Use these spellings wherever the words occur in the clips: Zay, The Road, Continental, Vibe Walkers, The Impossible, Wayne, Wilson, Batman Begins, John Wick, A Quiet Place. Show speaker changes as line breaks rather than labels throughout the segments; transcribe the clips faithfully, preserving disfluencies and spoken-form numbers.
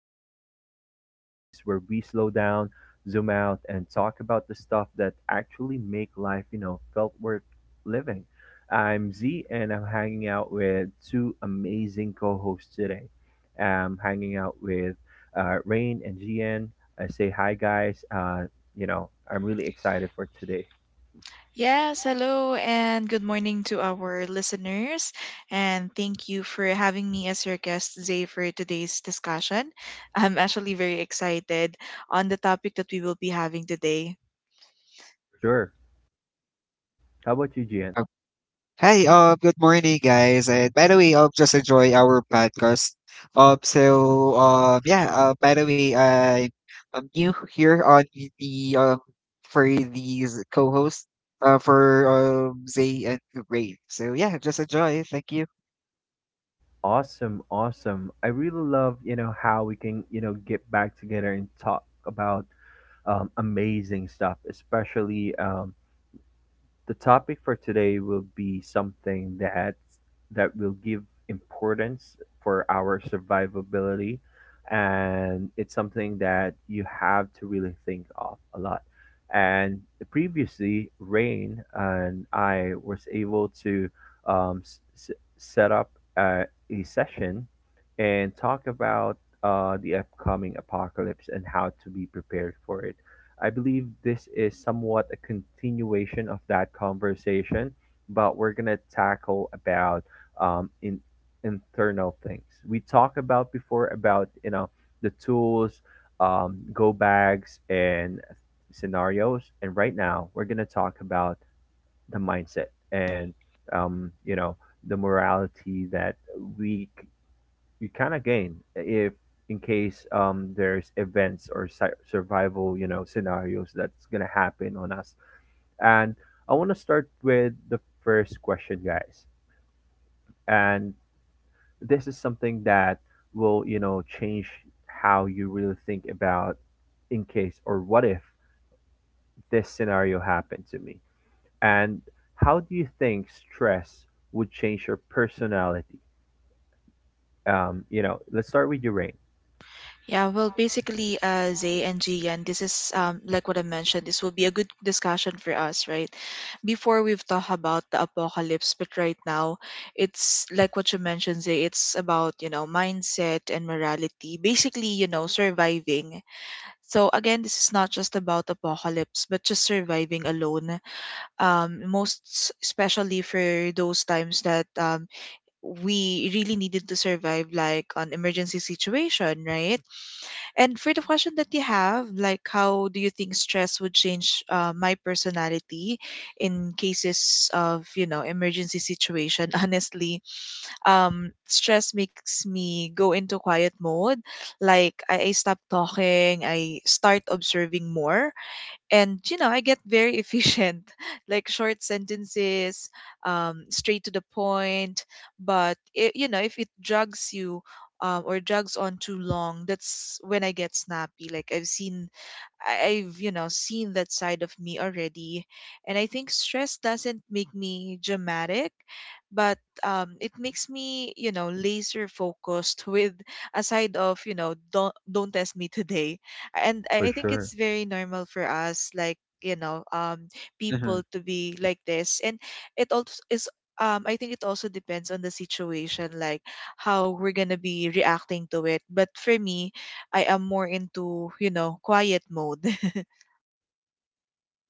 Vibe Walkers, the space where we slow down, zoom out, and talk about the stuff that actually make life, you know, felt worth living. I'm Z, and I'm hanging out with two amazing co hosts today. I'm hanging out with uh, Rain and G N. I say hi, guys. Uh, you know, I'm really excited for today,
Yes, hello and good morning to our listeners. And thank you for having me as your guest Zay, for today's discussion. I'm actually very excited on the topic that we will be having today.
for sure. How about you, G N?
Oh, Hi, uh, good morning, guys. And by the way, um, just enjoy our podcast. Um, so, um, yeah, uh, by the way, I, I'm new here on the, um, for these co-hosts, uh, for, um, Zay and Ray. So, yeah, just enjoy. Thank you.
Awesome, awesome. I really love, you know, how we can, you know, get back together and talk about um, amazing stuff, especially um, the topic for today will be something that that will give importance for our survivability, and it's something that you have to really think of a lot. And previously, Rain and I was able to um, s- s- set up uh, a session and talk about uh, the upcoming apocalypse and how to be prepared for it. I believe this is somewhat a continuation of that conversation, but we're gonna tackle about um, in internal things. We talked about before about you know the tools, um, go bags, and scenarios, and right now we're gonna talk about the mindset and, um, you know the morality that we you can again if in case um there's events or si- survival, you know, scenarios that's gonna happen on us. And I want to start with the first question, guys. And this is something that will, you know, change how you really think about in case, or what if this scenario happened to me. And how do you think stress would change your personality? Um you know let's start with your Rain.
Yeah, well, basically, uh, Zay and Gian, this is um, like what I mentioned. This will be a good discussion for us, right? Before we've talked about the apocalypse, but right now, it's like what you mentioned, Zay. It's about you know mindset and morality. Basically, you know, surviving. So again, this is not just about apocalypse, but just surviving alone. Um, most s- especially for those times that um, we really needed to survive, like an emergency situation, right? And for the question that you have, like how do you think stress would change uh, my personality in cases of, you know, emergency situation? Honestly, um, stress makes me go into quiet mode. Like I, I stop talking, I start observing more, and you know I get very efficient like short sentences, um, straight to the point. But it, you know, if it drags you, um, or drags on too long, that's when I get snappy. Like I've seen, I- I've, you know, seen that side of me already. And I think stress doesn't make me dramatic, but um, it makes me, you know, laser focused with a side of, you know, don't, don't test me today. And
For
I I think
sure.
it's very normal for us, like, you know, um, people
Hmm.
to be like this. And it also is, um, I think it also depends on the situation, like how we're going to be reacting to it. But for me, I am more into, you know, quiet mode.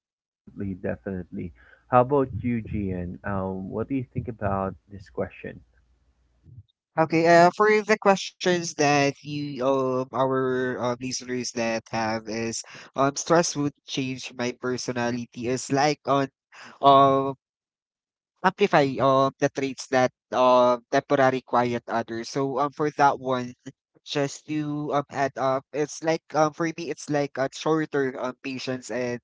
Definitely, definitely. How about you, Gian? Um, what do you think about this question?
Okay, uh, for the questions that you, um, our um, listeners that have is, um, stress would change my personality is like on, um, amplify um the traits that uh temporary quiet others. So um for that one, just to um add up, it's like um for me it's like a shorter um patience and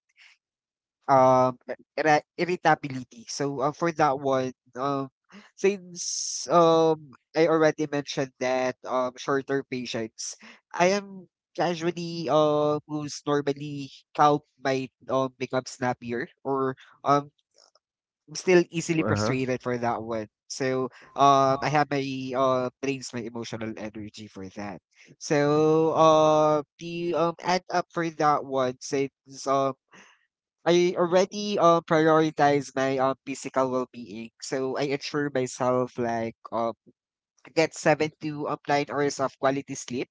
um irri- irritability. So um for that one, um since um I already mentioned that um shorter patience, I am casually uh who's normally calm might um become snappier or um I'm still easily
Uh-huh.
frustrated for that one. So um, I have my uh drains my emotional energy for that. So uh, the um add up for that one since um I already uh, prioritize my um physical well being. So I ensure myself like um I get seven to um nine hours of quality sleep,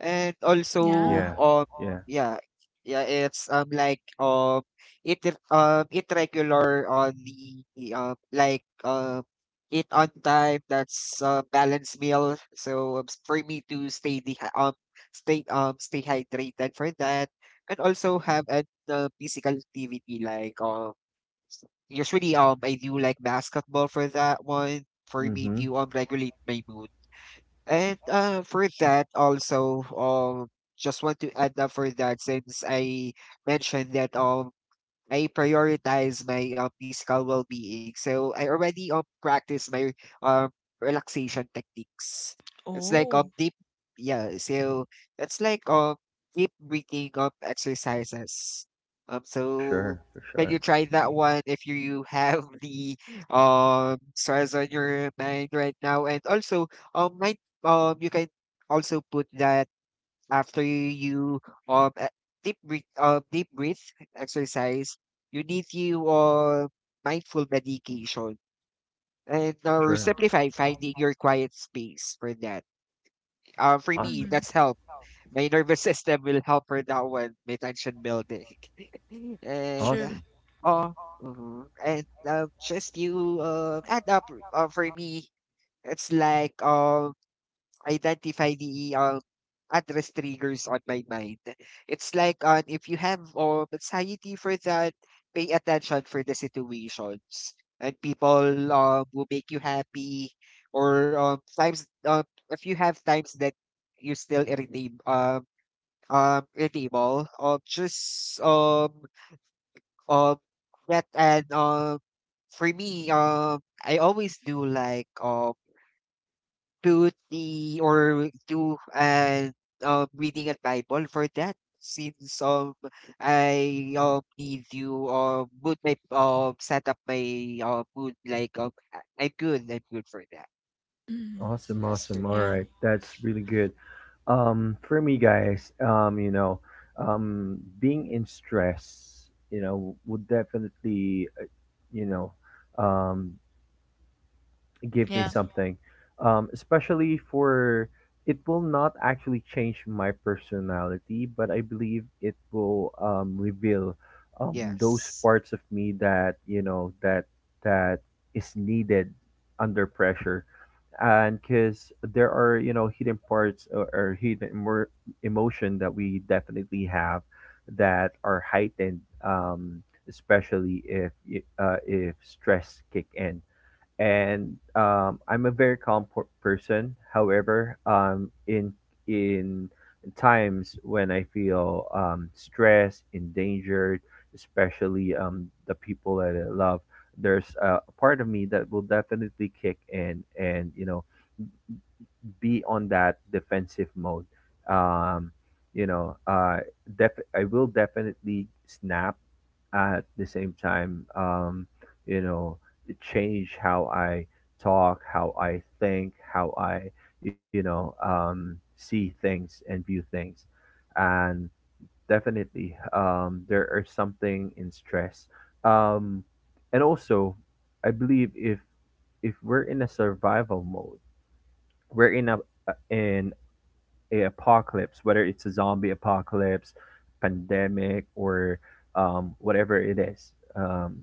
and also,
Yeah.
Yeah.
um,
Yeah.
yeah, yeah, it's um like um it um it regular on the um like um eat on time. That's a balanced meal. So um, s- for me to stay the um stay um stay hydrated for that, and also have an uh, physical activity like um usually um I do like basketball for that one for me
Mm-hmm.
to um regulate my mood. And uh, for that also, um, just want to add up for that since I mentioned that um I prioritize my um, physical well-being. So I already um, practice my um, relaxation techniques. It's like um
Oh.
deep Yeah, so it's like um deep breathing um exercises. Um
For sure.
so
For
can
sure.
you try that one if you have the um stress on your mind right now, and also um might um you can also put that after you um e- deep breath, uh, deep breath exercise, you need you uh, mindful meditation, and
For
or
sure.
simplify finding your quiet space for that. Uh, for me,
Awesome.
Mm-hmm.
that's help. My nervous system will help for that one. My tension building, and uh,
Sure.
Awesome.
oh. Mhm. And uh, just you uh, add up uh, for me. It's like um identify the uh, address triggers on my mind. It's like on if you have um, anxiety for that, pay attention for the situations and people um will make you happy, or um times, um if you have times that you're still irritable um um irritable um just um um that, and um for me um I always do like um put the or do an um reading a Bible for that since um I um need you um mood my um set up my uh mood like um I- I'm good, I'm good for that.
Mm-hmm.
Awesome.
That's for.
Awesome. All
Yeah.
right. That's really good. Um, for me, guys, um, you know, um, being in stress, you know, would definitely, uh, you know, um, give me
Yeah.
something. Um, especially for it will not actually change my personality, but I believe it will um, reveal um, those
Yes.
parts of me that you know that that is needed under pressure. And because there are you know hidden parts, or, or hidden emo- emotion that we definitely have that are heightened, um, especially if y- uh, if stress kick in. And um, I'm a very calm per- person. However, um, in in times when I feel um, stressed, endangered, especially um, the people that I love, there's a a part of me that will definitely kick in, and you know, be on that defensive mode. Um, you know, uh, def- I will definitely snap. At the same time, um, you know, it change how I talk, how I think, how I, you know, um, see things and view things. And definitely, um, there are something in stress. Um, and also, I believe if if we're in a survival mode, we're in a in a apocalypse, whether it's a zombie apocalypse, pandemic, or um, whatever it is. Um,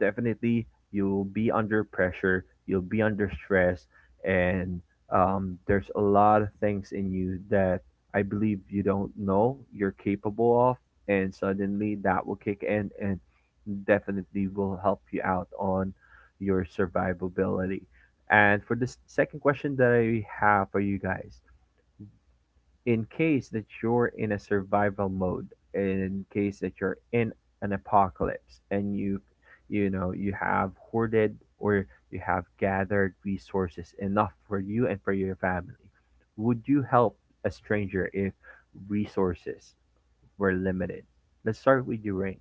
Definitely, you'll be under pressure, you'll be under stress, and um, there's a lot of things in you that I believe you don't know you're capable of, and suddenly that will kick in and definitely will help you out on your survivability. And for this second question that I have for you guys, in case that you're in a survival mode, in case that you're in an apocalypse and you you know you have hoarded, or you have gathered resources enough for you and for your family, would you help a stranger if resources were limited? Let's start with you, Rain.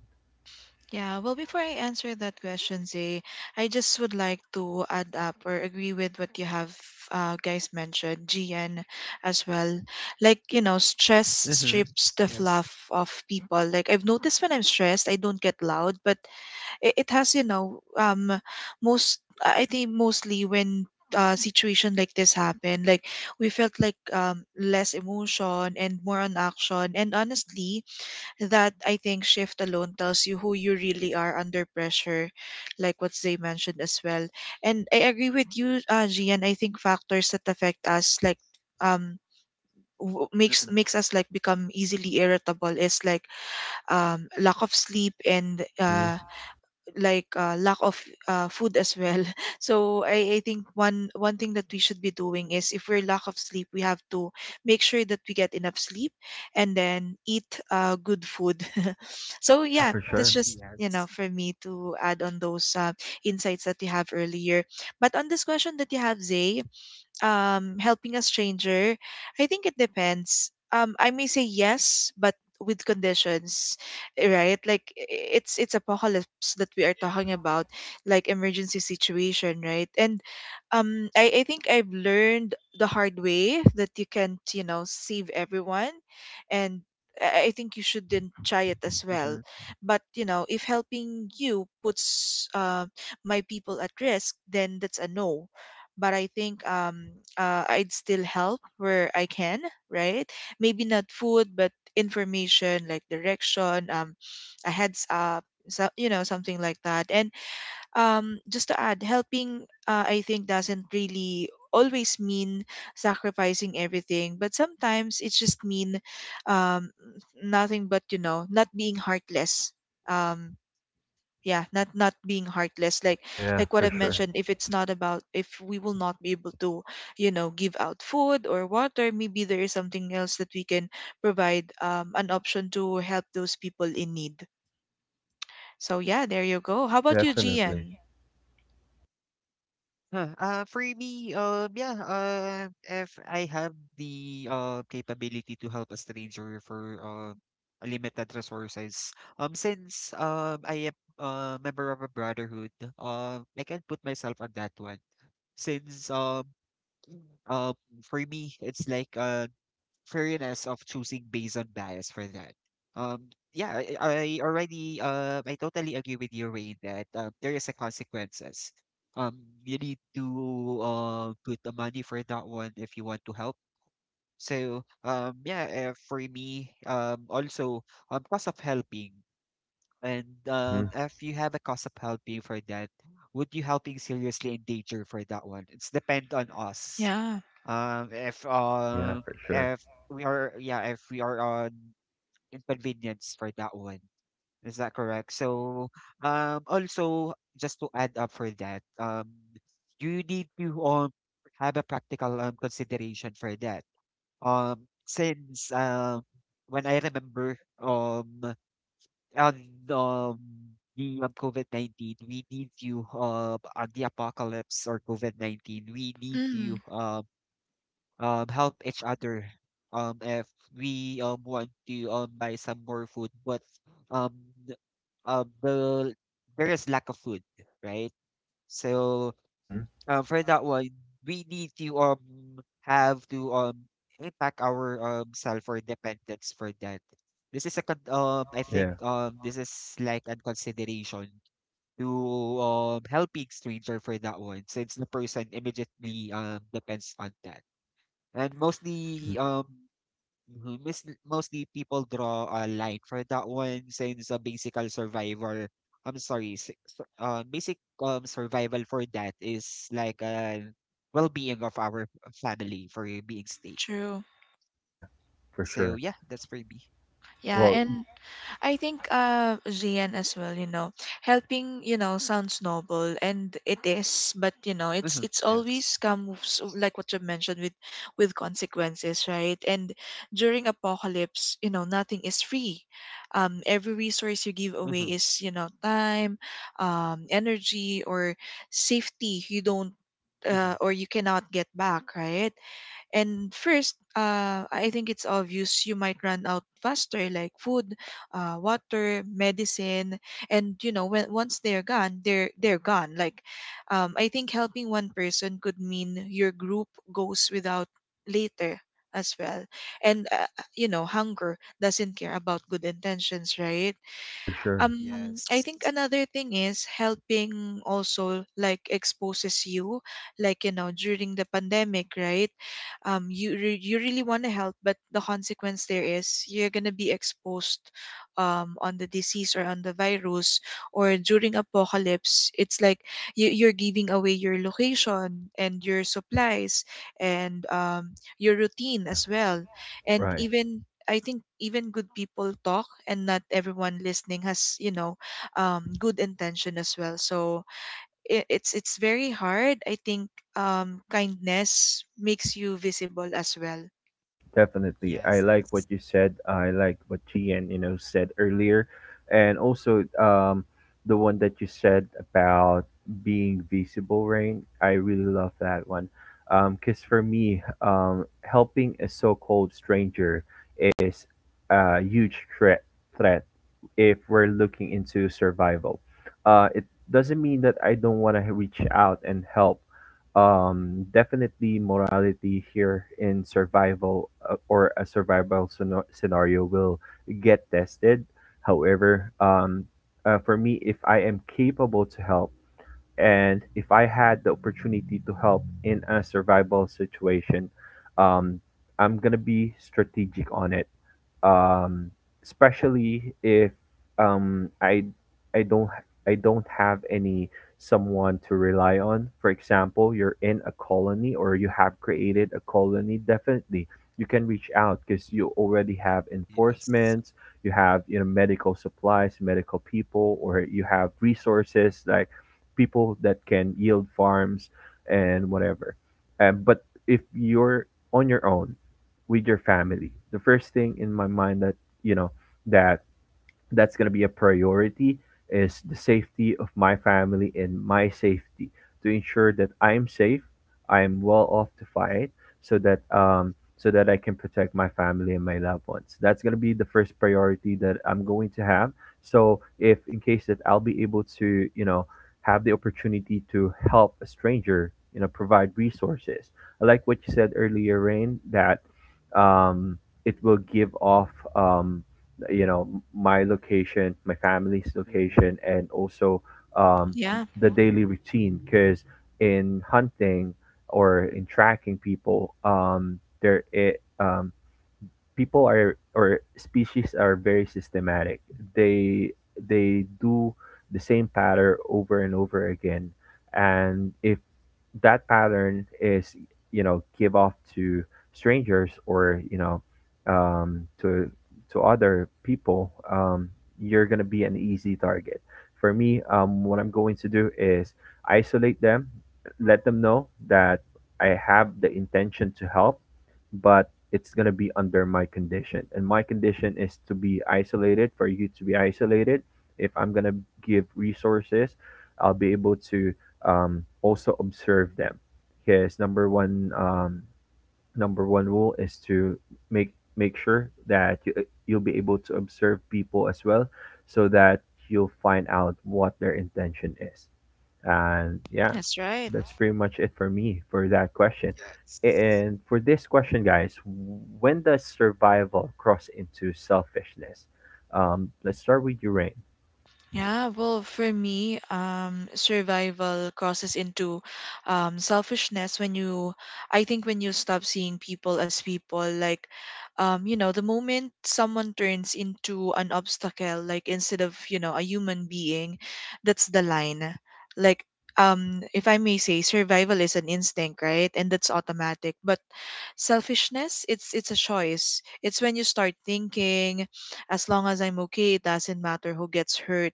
Yeah, well, before I answer that question, Zay, I just would like to add up or agree with what you have, uh, guys mentioned, G N as well. Like, you know, stress
Mm-hmm.
strips the fluff
Yes.
of people. Like, I've noticed when I'm stressed, I don't get loud, but it, it has you know um most, I think mostly when uh situation like this happened, like we felt like um less emotion and more on action. And honestly, that I think shift alone tells you who you really are under pressure, like what they mentioned as well. And I agree with you, uh Gian. I think factors that affect us, like um w- makes
Mm-hmm.
makes us like become easily irritable, is like um lack of sleep and
Mm-hmm.
uh like uh, lack of uh, food as well. So I, I think one one thing that we should be doing is if we're lack of sleep, we have to make sure that we get enough sleep and then eat uh, good food. So
Yeah,
yeah,
for
that's
sure.
just you
Yes.
know for me to add on those uh, insights that we have earlier. But on this question that you have, Zay, um, helping a stranger, I think it depends. Um, I may say yes, but with conditions, right? Like i- it's it's apocalypse that we are
Yeah.
talking about, like emergency situation, right? And um, I, I think I've learned the hard way that you can't, you know, save everyone, and I I think you shouldn't try it as well. But you know, if helping you puts uh, my people at risk, then that's a no. But I think um uh, I'd still help where I can, right? Maybe not food, but information, like direction, um, a heads up, so you know, something like that. And um, just to add, helping, uh, I think, doesn't really always mean sacrificing everything, but sometimes it just mean um nothing but you know, not being heartless. Um, yeah, not not being heartless, like
Yeah,
like what
for
I've
sure.
mentioned. If it's not about, if we will not be able to, you know, give out food or water, maybe there is something else that we can provide, um, an option to help those people in need. So yeah, there you go. How about you,
Definitely.
Gian?
Huh, uh, for me, um, yeah, uh, if I have the uh, capability to help a stranger for uh, limited resources, um, since um, I am a member of a brotherhood. um, I can put myself on that one. Since um, um, for me, it's like uh, fairness of choosing based on bias for that. Um, yeah, I, I already uh, I totally agree with you, Rain, that uh, there is a consequences. Um, you need to uh, put the money for that one if you want to help. So um, yeah, uh, for me, um, also um, cost of helping, and
Mm-hmm.
um, if you have a cost of helping for that, would you helping seriously in danger for that one? It's depend on us,
Yeah.
um, if
Yeah,
um,
for sure.
if we are, yeah, if we are on inconvenience for that one, is that correct? So, um, also just to add up for that, um, you need to um have a practical um consideration for that. Um, since um, when I remember um on um the um, COVID nineteen, we need you uh on the apocalypse, or COVID nineteen, we need
Mm.
you um um help each other, um if we um want to um buy some more food, but um th- uh, the there is lack of food, right. So
Mm-hmm.
um for that one we need to um have to um impact our um self or dependence for that. This is a con- um I think
Yeah.
um this is like a consideration to um helping stranger for that one since the person immediately um depends on that. And mostly,
Mm,
um, mhm, mis- mostly people draw a line for that one since a basical survival. I'm sorry, s- s- uh, basic um survival for that is like a well-being of our family for being stake.
True.
yeah, for
So
sure.
yeah, that's for me.
Yeah.
Well,
And I think, uh Gian as well, you know, helping, you know, sounds noble and it is, but you know, it's
Hmm.
it's
Yes.
always comes like what you mentioned, with with consequences, right? And during apocalypse, you know, nothing is free. Um, every resource you give away
Hmm.
is, you know, time, um energy, or safety you don't,
Hmm.
uh, or you cannot get back, right? And first, uh, I think it's obvious you might run out faster, like food, uh, water, medicine, and you know, when once they're gone, they're they're gone. Like, um, I think helping one person could mean your group goes without later as well. And uh, you know, hunger doesn't care about good intentions, right?
for sure.
um I think
Yes.
another thing is helping also like exposes you. Like you know, during the pandemic, right? Um you re- you really want to help, but the consequence there is you're going to be exposed um on the disease or on the virus. Or during apocalypse, it's like you, you're giving away your location and your supplies and um your routine
Yeah,
as well. And
right.
even I think even good people talk, and not everyone listening has you know um, good intention as well. So it, it's it's very hard. I think um, kindness makes you visible as well.
Definitely. I
Yes.
like what
Yes.
you said. I like what Gian, you know, said earlier. And also, um the one that you said about being visible, Rain. I really love that one. Um, 'cause for me, um helping a so-called stranger is a huge threat threat if we're looking into survival. Uh, it doesn't mean that I don't want to reach out and help. Um definitely morality here in survival, uh, or a survival scena- scenario will get tested. However, um uh, for me, if I am capable to help, and if I had the opportunity to help in a survival situation, um I'm gonna be strategic on it. um, Especially if um, I I don't, I don't have any someone to rely on. For example, you're in a colony, or you have created a colony. Definitely, you can reach out because you already have
Yes.
enforcements. You have, you know, medical supplies, medical people, or you have resources like people that can yield farms and whatever. Um, but if you're on your own with your family, the first thing in my mind that you know that that's going to be a priority is the safety of my family and my safety, to ensure that I'm safe, I'm well off to fight, so that um so that I can protect my family and my loved ones. That's going to be the first priority that I'm going to have. So if in case that I'll be able to, you know, have the opportunity to help a stranger, you know, provide resources. I like what you said earlier, Rain, that um, it will give off, um, you know my location, my family's
Hmm.
location, and also um,
Yeah,
the daily routine. Because in hunting or in tracking people, um, there it um, people are, or species are very systematic. They they do the same pattern over and over again, and if that pattern is you know give off to strangers, or you know, um, to to other people, um, you're gonna be an easy target. For me, um, what I'm going to do is isolate them, let them know that I have the intention to help, but it's gonna be under my condition, and my condition is to be isolated. For you to be isolated, if I'm gonna give resources, I'll be able to um, also observe them. Because number one, um, number one rule is to make make sure that you, you'll be able to observe people as well, so that you'll find out what their intention is. And yeah.
that's right.
That's pretty much it for me for that question.
Yes.
And for this question, guys, when does survival cross into selfishness? Um, let's start with you, Rain.
Yeah, well, for me, um, survival crosses into um, selfishness when you, I think, when you stop seeing people as people. Like, um, you know, the moment someone turns into an obstacle, like instead of, you know, a human being, that's the line. Like, um, if I may say, survival is an instinct, right? And that's automatic. But selfishness, it's it's a choice. It's when you start thinking, as long as I'm okay, it doesn't matter who gets hurt.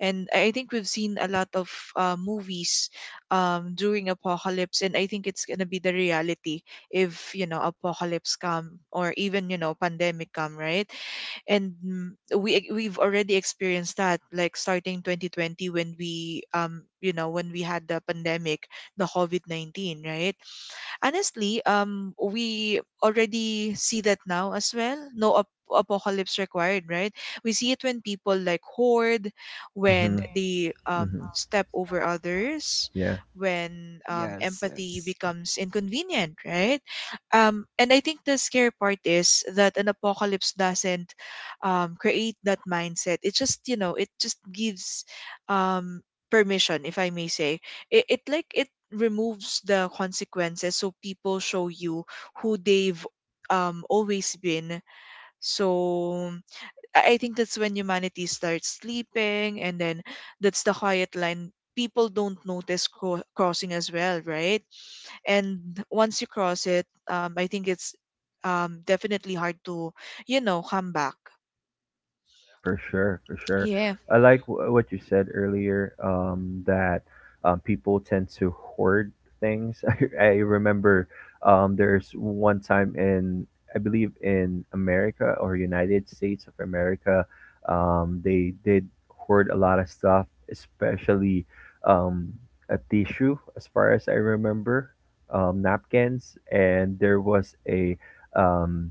And I I think we've seen a lot of uh, movies um, during apocalypse, and I think it's gonna be the reality if you know apocalypse come, or even you know pandemic come, right? And mm, we we've already experienced that, like starting twenty twenty when we um you know, when we had the pandemic, the COVID nineteen, right? Honestly, um, we already see that now as well. No ap- apocalypse required, right? We see it when people like hoard, when
Mm-hmm.
they um,
Mm-hmm.
step over others,
Yeah.
when um,
Yes.
empathy
Yes.
becomes inconvenient, right? Um, and I think the scary part is that an apocalypse doesn't um, create that mindset. It just, you know, it just gives um, permission, if I may say it, it like it removes the consequences, so people show you who they've um always been. So i I think that's when humanity starts sleeping, and then that's the quiet line people don't notice cro- crossing as well, right? And once you cross it, um I think it's um definitely hard to you know come back.
Yeah, for sure, for sure.
Yeah.
I like wh- what you said earlier, um, that um, people tend to hoard things. I, I remember um, there's one time in, I believe in America, or United States of America, um, they did hoard a lot of stuff, especially um, a tissue, as far as I remember, um, napkins, and there was a um,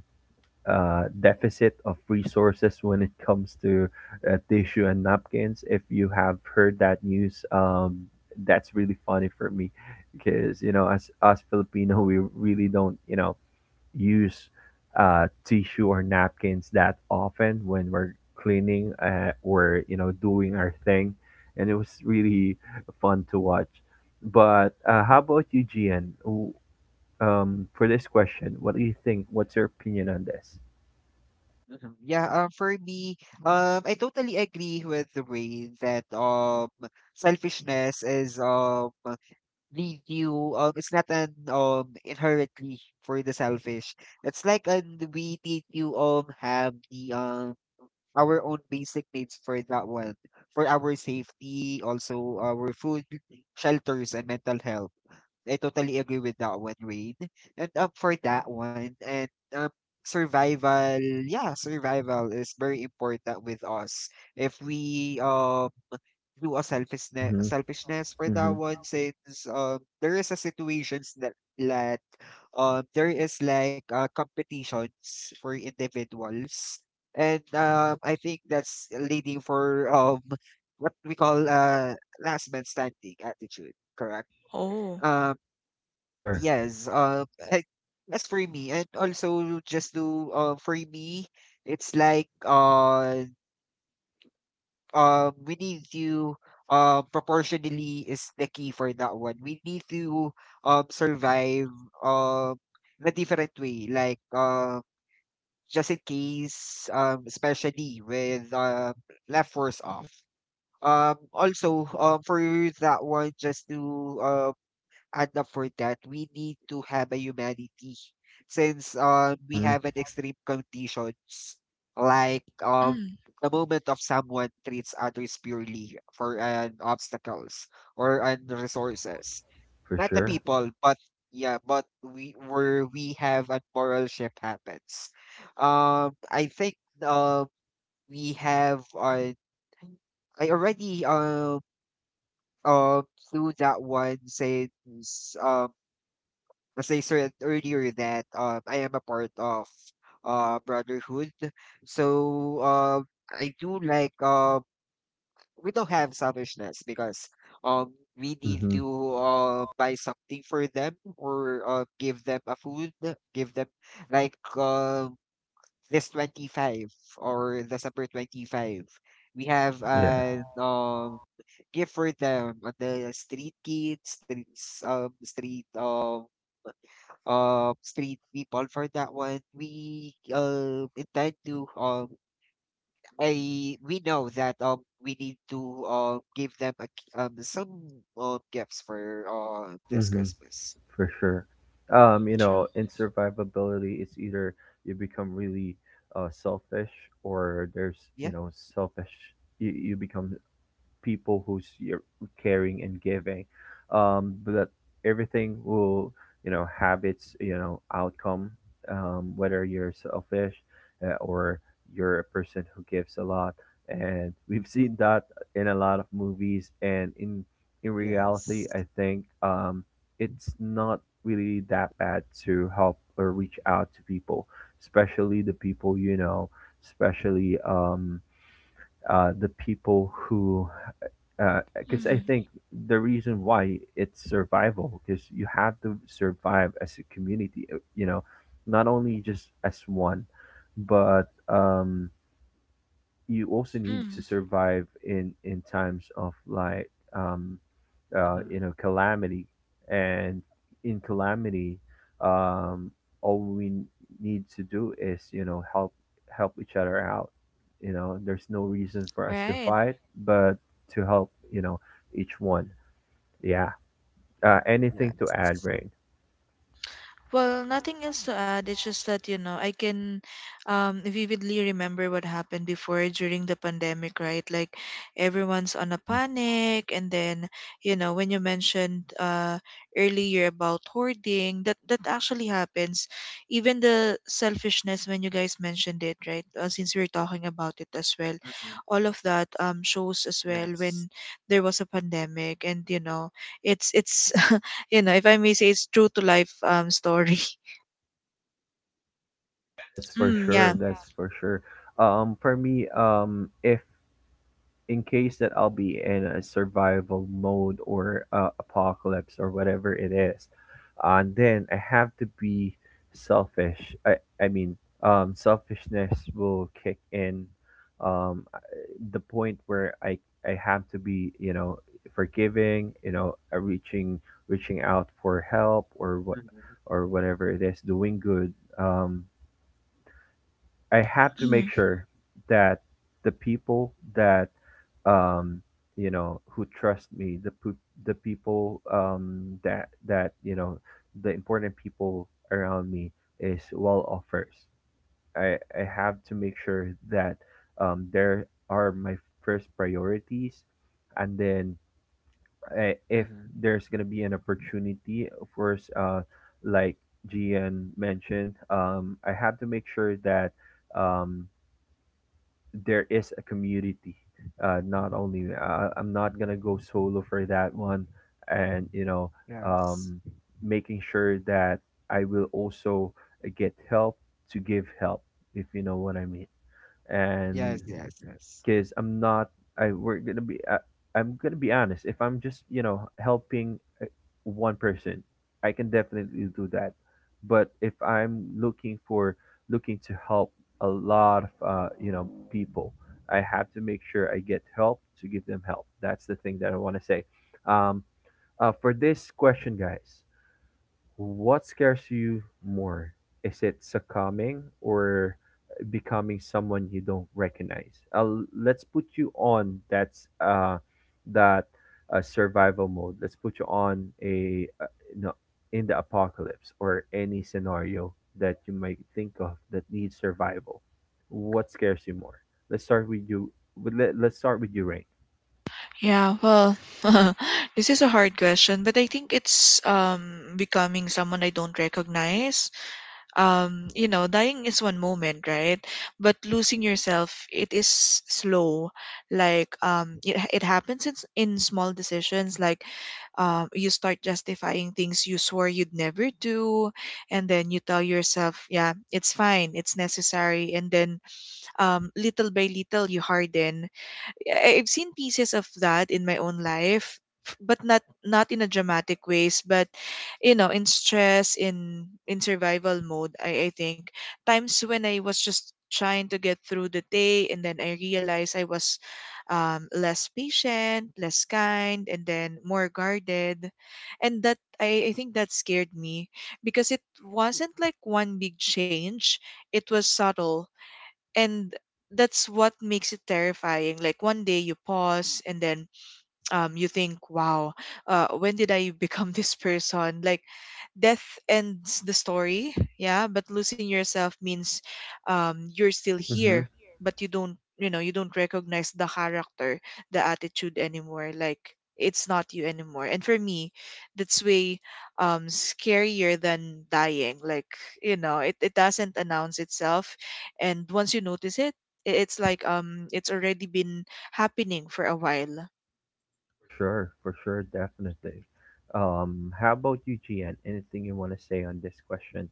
uh, deficit of resources when it comes to uh, tissue and napkins. If you have heard that news, um, that's really funny for me, because you know, as us Filipino, we really don't, you know, use uh, tissue or napkins that often when we're cleaning, uh, or you know doing our thing, and it was really fun to watch. But uh, how about you, Gian? W- Um, for this question, what do you think? What's your opinion on this?
Mhm. Yeah, um, for me, um, I totally agree with the way that um selfishness is um lead you, um it's not an um inherently for the selfish. It's like an we need you um have the um our own basic needs for that one, for our safety, also our food, shelters, and mental health. I totally agree with that one, Wade. And um, for that one, and um, survival, yeah, survival is very important with us. If we um do a selfishness,
Mhm.
selfishness for that
Mhm.
one, since um there is a situations that that um there is like uh, competitions for individuals, and um I think that's leading for um what we call uh last man standing attitude, correct?
Oh.
um
For sure.
Yes. uh, I, as for me, and also just to uh, for me, it's like uh, um, we need to, uh, proportionally is the key for that one. We need to um survive um in a different way, like uh, just in case um especially with uh, left force off. Um, also um for that one, just to uh and uh, for that, we need to have a humanity since um, we
Mhm.
have an extreme conditions like um,
Mm.
the moment of someone treats others purely for an obstacles or an
Yeah.
resources.
For
Not the
sure.
people, but, yeah, but we where we have a moral shift happens. Um, I think um we have uh, I already um uh, flew that one since um as I said earlier that um, I am a part of uh brotherhood. So um I do like uh we don't have selfishness because um we need
Mhm.
to uh buy something for them or uh give them a food, give them like um this twenty five, or the December twenty five. We have
Yeah.
an um gift for them on the street kids, streets um street um uh street people for that one. We uh intend to um I we know that um we need to uh give them a, k- um some uh, gifts for uh this
Mhm.
Christmas.
For sure. Um, you
True.
know, in survivability, it's either you become really, uh, selfish, or there's you
Yeah.
know selfish. You you become people who's you caring and giving. Um but everything will, you know, have its, you know, outcome, um whether you're selfish, uh, or you're a person who gives a lot. And we've seen that in a lot of movies, and in in reality. I
Yes.
think um it's not really that bad to help or reach out to people, especially the people you know, especially um uh, the people who, because I
Mm.
think the reason why it's survival, because you have to survive as a community, uh, you know, not only just as one, but um, you also need to
Mm.
survive in in times of like, um uh you
Hmm.
know, calamity. And in calamity, um all we need to do is, you know, help help each other out. You know, there's no reason for us to
Right.
fight, but to help, you know, each one. Yeah. Uh, anything to add,
Yes.
Rain?
Well, nothing else to add. It's just that, you know, I can um, vividly remember what happened before during the pandemic, right? Like everyone's on a
Mm-hmm.
panic. And then, you know, when you mentioned uh, earlier about hoarding, that, that actually happens. Even the selfishness, when you guys mentioned it, right? Uh, since we are talking about it as well,
Hmm.
all of that um, shows as well when
Yes.
there was a pandemic. And, you know, it's, it's, you know, if I may say, it's true to life um story.
Yeah, that's for
Mm, yeah.
sure, that's for sure. Um for me, um if in case that I'll be in a survival mode, or uh, apocalypse, or whatever it is, and then I have to be selfish. I, I mean, um, selfishness will kick in um, uh, the point where I, I have to be, you know, forgiving, you know, uh, reaching reaching out for help, or what
Hmm.
or whatever it is, doing good. Um, I have to make
Mm,
sure that the people that um you know who trust me the peo- the people um that that you know the important people around me is well off first. I i have to make sure that um there are my first priorities. And then I, if
Hmm.
there's gonna be an opportunity, of course, uh like Gian mentioned, um I have to make sure that um there is a community. Uh, not only uh, I'm not gonna go solo for that one, and you know,
Yes.
um, making sure that I will also get help to give help, if you know what I mean. And
Yes. Yes. Yes.
because I'm not. I we're gonna be. I, I'm gonna be honest. If I'm just you know helping uh, one person, I can definitely do that. But if I'm looking for looking to help a lot of uh, you know people, I have to make sure I get help to give them help. That's the thing that I want to say. Um, uh, for this question, guys, what scares you more? Is it succumbing or becoming someone you don't recognize? Uh, let's put you on that's uh, that uh, Survival mode. Let's put you on a uh, no, in the apocalypse or any scenario that you might think of that needs survival. What scares you more? Let's start with you. With, let, let's start with you,
yeah. Well, this is a hard question, but I think it's um becoming someone I don't recognize. Um, you know, dying is one moment, right? But losing yourself, it is slow. Like um, it, it happens in, s- in small decisions, like um, you start justifying things you swore you'd never do, and then you tell yourself, yeah, it's fine, it's necessary. And then um, little by little you harden. I- I've seen pieces of that in my own life, f- but not not in a dramatic ways. But you know, in stress, in in survival mode, I, I think times when I was just trying to get through the day, and then I realized I was um, less patient, less kind, and then more guarded. And that I, I think that scared me because it wasn't like one big change. It was subtle, and that's what makes it terrifying. Like one day you pause, and then um, you think, wow, uh, when did I become this person? Like, death ends the story, yeah, but losing yourself means um, you're still
Rain.
here, but you don't, you know, you don't recognize the character, the attitude anymore. Like, it's not you anymore. And for me, that's way um, scarier than dying. Like, you know, it, it doesn't announce itself. And once you notice it, i- it's like um it's already been happening for a while.
For sure, for sure, definitely. Um, how about you, Gian? Anything you want to say on this question?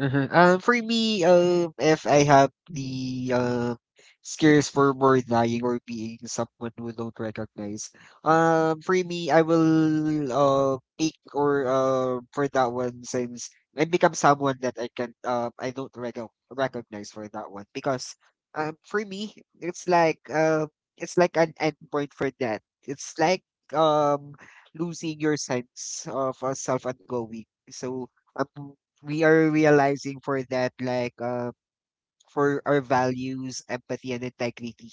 Mm-hmm. Uh huh. Um, for me, um, if I have the, um, scares for more dying or being someone who don't recognize, um, for me, I will, uh, pick or, uh, for that one since I become someone that I can, um, I don't recog recognize for that one because, um, for me, it's like, uh, it's like an end point for that. It's like, um, losing your sense of uh, self and going. So, um, we are realizing for that like uh for our values, empathy and integrity,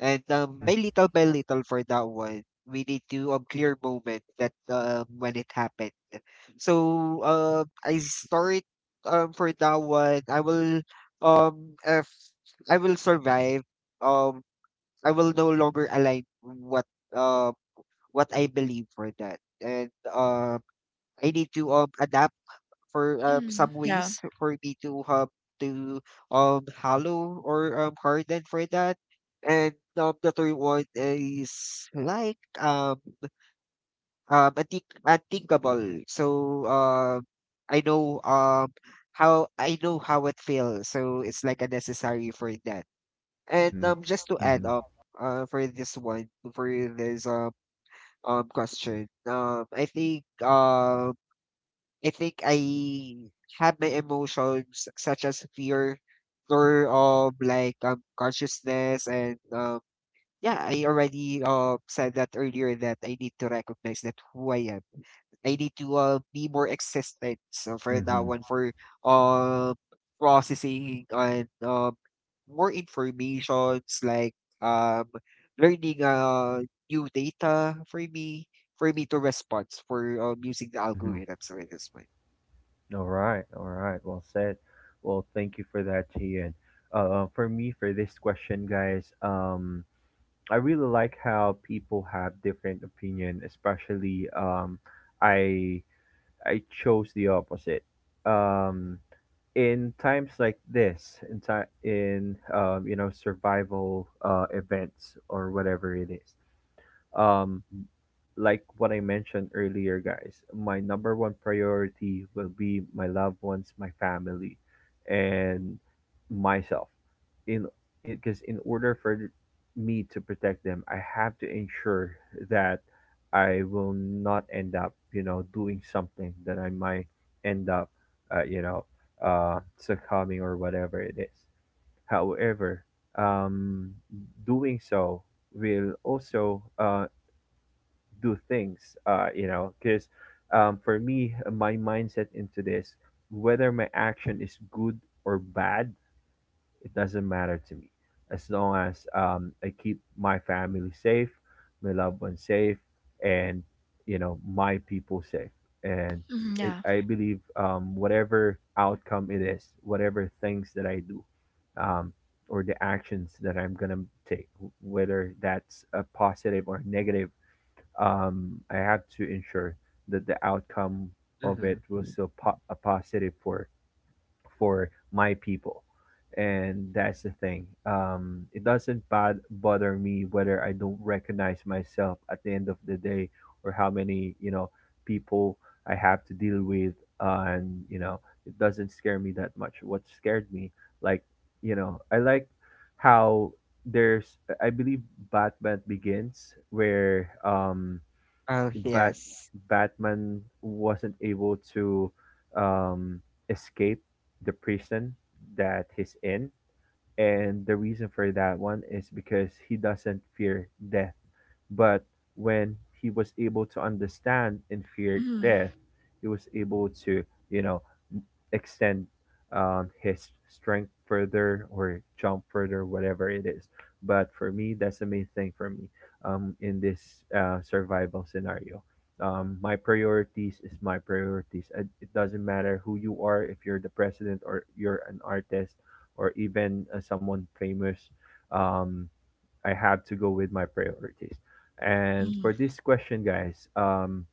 and um
Mm-hmm.
by little by little for that one we need to um clear moment that um when it happened. So uh I start, um for that one I will, um if I will survive, um I will no longer align what uh what I believe for that. And uh I need to um adapt for um, some
Yeah.
ways for me to um to um hollow or um harden for that. And um the third one is like um um unthink unthinkable. So um I know um how I know how it feels. So it's like a necessary for that. And
Mm-hmm.
um just to add
Mm-hmm.
up uh for this one for this um um question. Um I think um I think I have my emotions such as fear, fear of like um consciousness and um yeah, I already uh said that earlier that I need to recognize that who I am. I need to uh, be more existent. So for that
Mm-hmm.
one, for uh processing and um more informations like um learning uh new data for me for me to respond for um using the
Mm-hmm.
algorithms for this one.
All right, all right. Well said. Well, thank you for that, Gian. Uh, for me, for this question, guys, um, I really like how people have different opinion, especially, um, I I chose the opposite. Um, in times like this, in time in um, you know, survival uh, events or whatever it is, um like what I mentioned earlier, guys, my number one priority will be my loved ones, my family, and myself. In because in order for me to protect them, I have to ensure that I will not end up, you know, doing something that I might end up, uh, you know, uh, succumbing or whatever it is. However, um, doing so will also uh, do things, uh you know, because um for me, uh, my mindset into this, whether my action is good or bad, it doesn't matter to me, as long as um I keep my family safe, my loved ones safe, and you know, my people safe. And
Mhm.
it,
Yeah.
i believe um whatever outcome it is, whatever things that I do, um or the actions that I'm gonna take, whether that's a positive or negative, um, I had to ensure that the outcome of it
Mhm.
was still po- a positive for for my people, and that's the thing. Um, it doesn't bad bother me whether I don't recognize myself at the end of the day or how many, you know, people I have to deal with, uh, and you know, it doesn't scare me that much. What scared me, like, you know, I like how there's, I believe, Batman Begins, where um
Oh,
Bat
yes.
Batman wasn't able to um, escape the prison that he's in, and the reason for that one is because he doesn't fear death. But when he was able to understand and fear
Mm.
death, he was able to, you know, extend um, his strength further or jump further, whatever it is. But for me, that's the main thing for me um, in this uh, survival scenario. Um, my priorities is my priorities. It it doesn't matter who you are, if you're the president or you're an artist or even uh, someone famous. Um, I have to go with my priorities. And
Mm.
for this question, guys, um,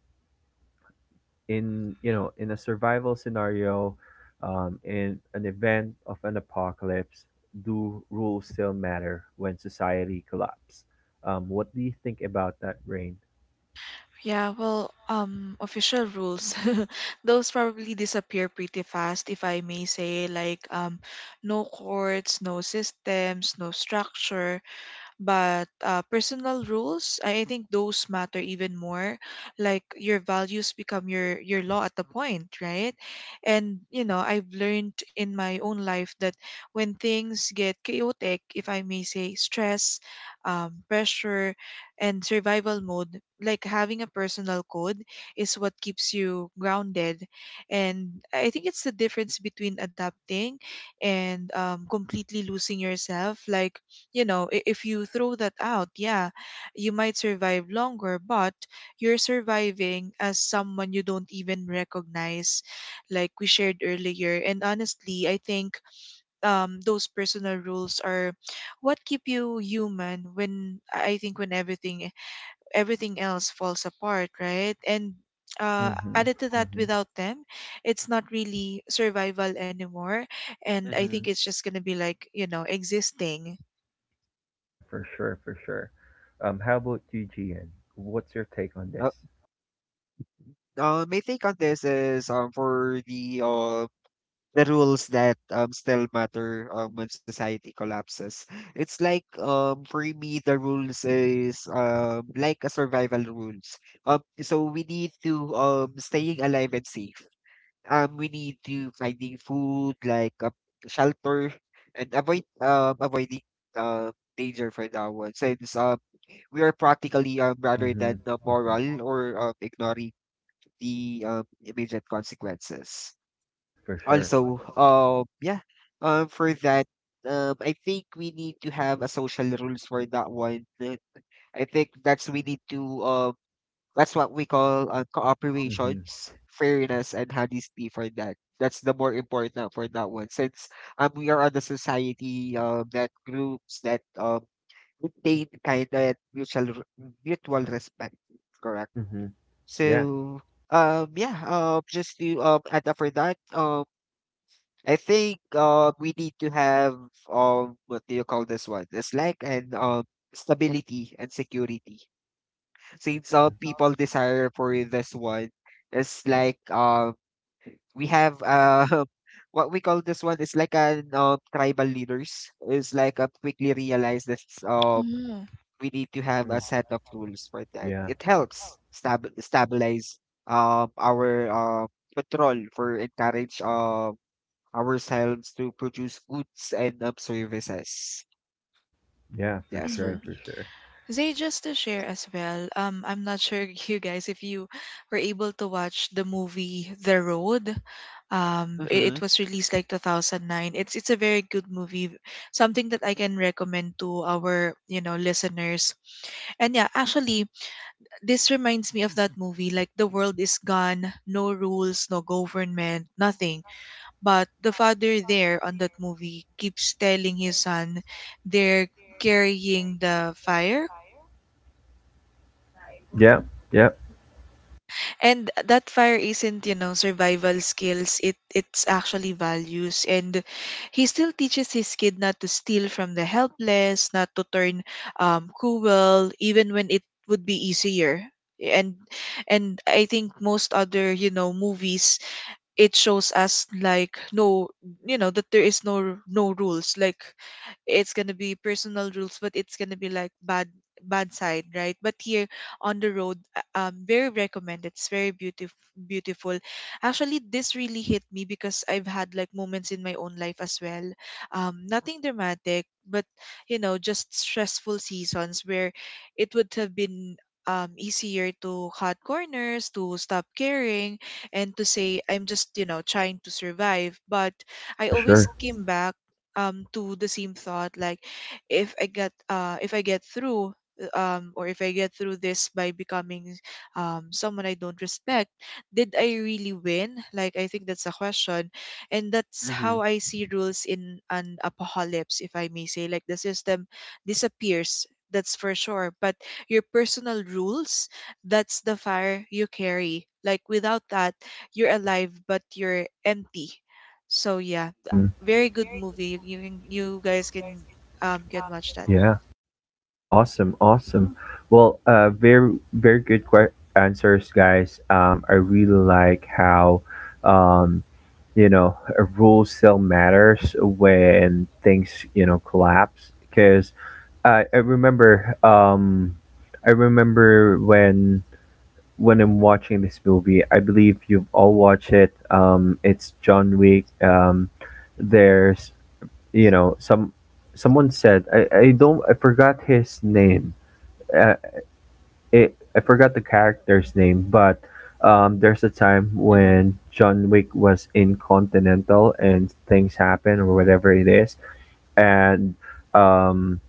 in you know, in a survival scenario, um, in an event of an apocalypse, do rules still matter when society collapse? Um, what do you think about that, Rain?
Yeah, well, um, official rules. Those probably disappear pretty fast, if I may say, like um, no courts, no systems, no structure. But uh, personal rules, I I think those matter even more. Like your values become your your law at the point, right? And you know, I've learned in my own life that when things get chaotic, if I may say, stress, um, pressure, and survival mode, like having a personal code is what keeps you grounded. And I think it's the difference between adapting and um, completely losing yourself. Like you know i- if you throw that out, yeah, you might survive longer, but you're surviving as someone you don't even recognize, like we shared earlier. And honestly, I think um those personal rules are what keep you human when I think when everything everything else falls apart, right? And uh,
Mm-hmm.
added to that,
Mm-hmm.
without them it's not really survival anymore, and I think it's
Mhm.
just gonna be like, you know, existing.
Yeah, for sure, for sure. Um, how about you, Gian? What's your take on this?
Uh, uh, my take on this is um for the uh the rules that um still matter um when society collapses. It's like um for me the rules is um like a survival rules. Um so we need to um staying alive and safe. Um, we need to finding food like a shelter and avoid um avoiding uh danger for that one, since um we are practically, um rather
Mm-hmm.
than
Mm-hmm.
uh, moral, or um, ignoring the um, immediate consequences.
For sure.
Also, um yeah, um for that, um I think we need to have a social rules for that one. Uh, I think that's we need to um that's what we call uh,
Mm-hmm.
cooperations, fairness, and honesty for that. That's the more important for that one, since um we are on the society, um that groups that um maintain kind of mutual r- mutual respect, correct?
Mm-hmm. Yeah.
So um yeah um just to um add up for that, um I think uh we need to have um what do you call this one? It's like an um stability and security things uh,
Mm-hmm.
people desire for this one, is like uh, we have, uh, what we call this one is like an uh, tribal leaders is like uh, quickly realize that, uh, we need to have
Mm-hmm.
a set of rules for that.
Yeah.
It helps stab- stabilize uh, our uh, control for encourage uh, ourselves to produce goods and, um, services.
Yeah, for
Yes, for
sure,
Mhm.
for
me.
sure.
Zay, just to share as well, um, I'm not sure you guys if you were able to watch the movie The Road. Um, i-
Mm-hmm.
it was released like twenty oh nine. It's it's a very good movie, something that I can recommend to our, you know, listeners. And yeah, actually, this reminds me of that movie. Like the world is gone, no rules, no government, nothing. But the father there on that movie keeps telling his son, they're carrying the fire,
Yeah, yeah,
and that fire isn't, you know, survival skills. It it's actually values, and he still teaches his kid not to steal from the helpless, not to turn um cruel even when it would be easier. And and I think most other, you know, movies, it shows us like, no, you know, that there is no no rules. Like it's gonna be personal rules, but it's gonna be like bad, bad side, right? But here on the road, uh, um, very recommended. It's very beautiful, beautiful. Actually, this really hit me because I've had like moments in my own life as well. Um, nothing dramatic, but you know, just stressful seasons where it would have been um, easier to cut corners, to stop caring, and to say, I'm just, you know, trying to survive. But I
for
always
sure.
came back um to the same thought, like if i get uh if I get through um or if I get through this by becoming um someone I don't respect, did I really win? Like I think that's a question, and that's
Mm-hmm.
how I see rules in an apocalypse, if I may say. Like the system disappears, that's for sure, but your personal rules, that's the fire you carry. Like without that, you're alive but you're empty, so yeah,
Mhm.
very good movie. You can you guys can um can watch that.
Yeah, awesome, awesome. Well, uh, very, very good que- answers, guys. Um, I really like how, um, you know, a rule still matters when things, you know, collapse. Because I, I remember, um, I remember when when I'm watching this movie. I believe you've all watched it. Um, it's John Wick. Um, there's, you know, some someone said, I, I don't, I forgot his name. Uh, it I forgot the character's name, but um, there's a time
Mm-hmm.
when John Wick was in Continental and things happen or whatever it is, and um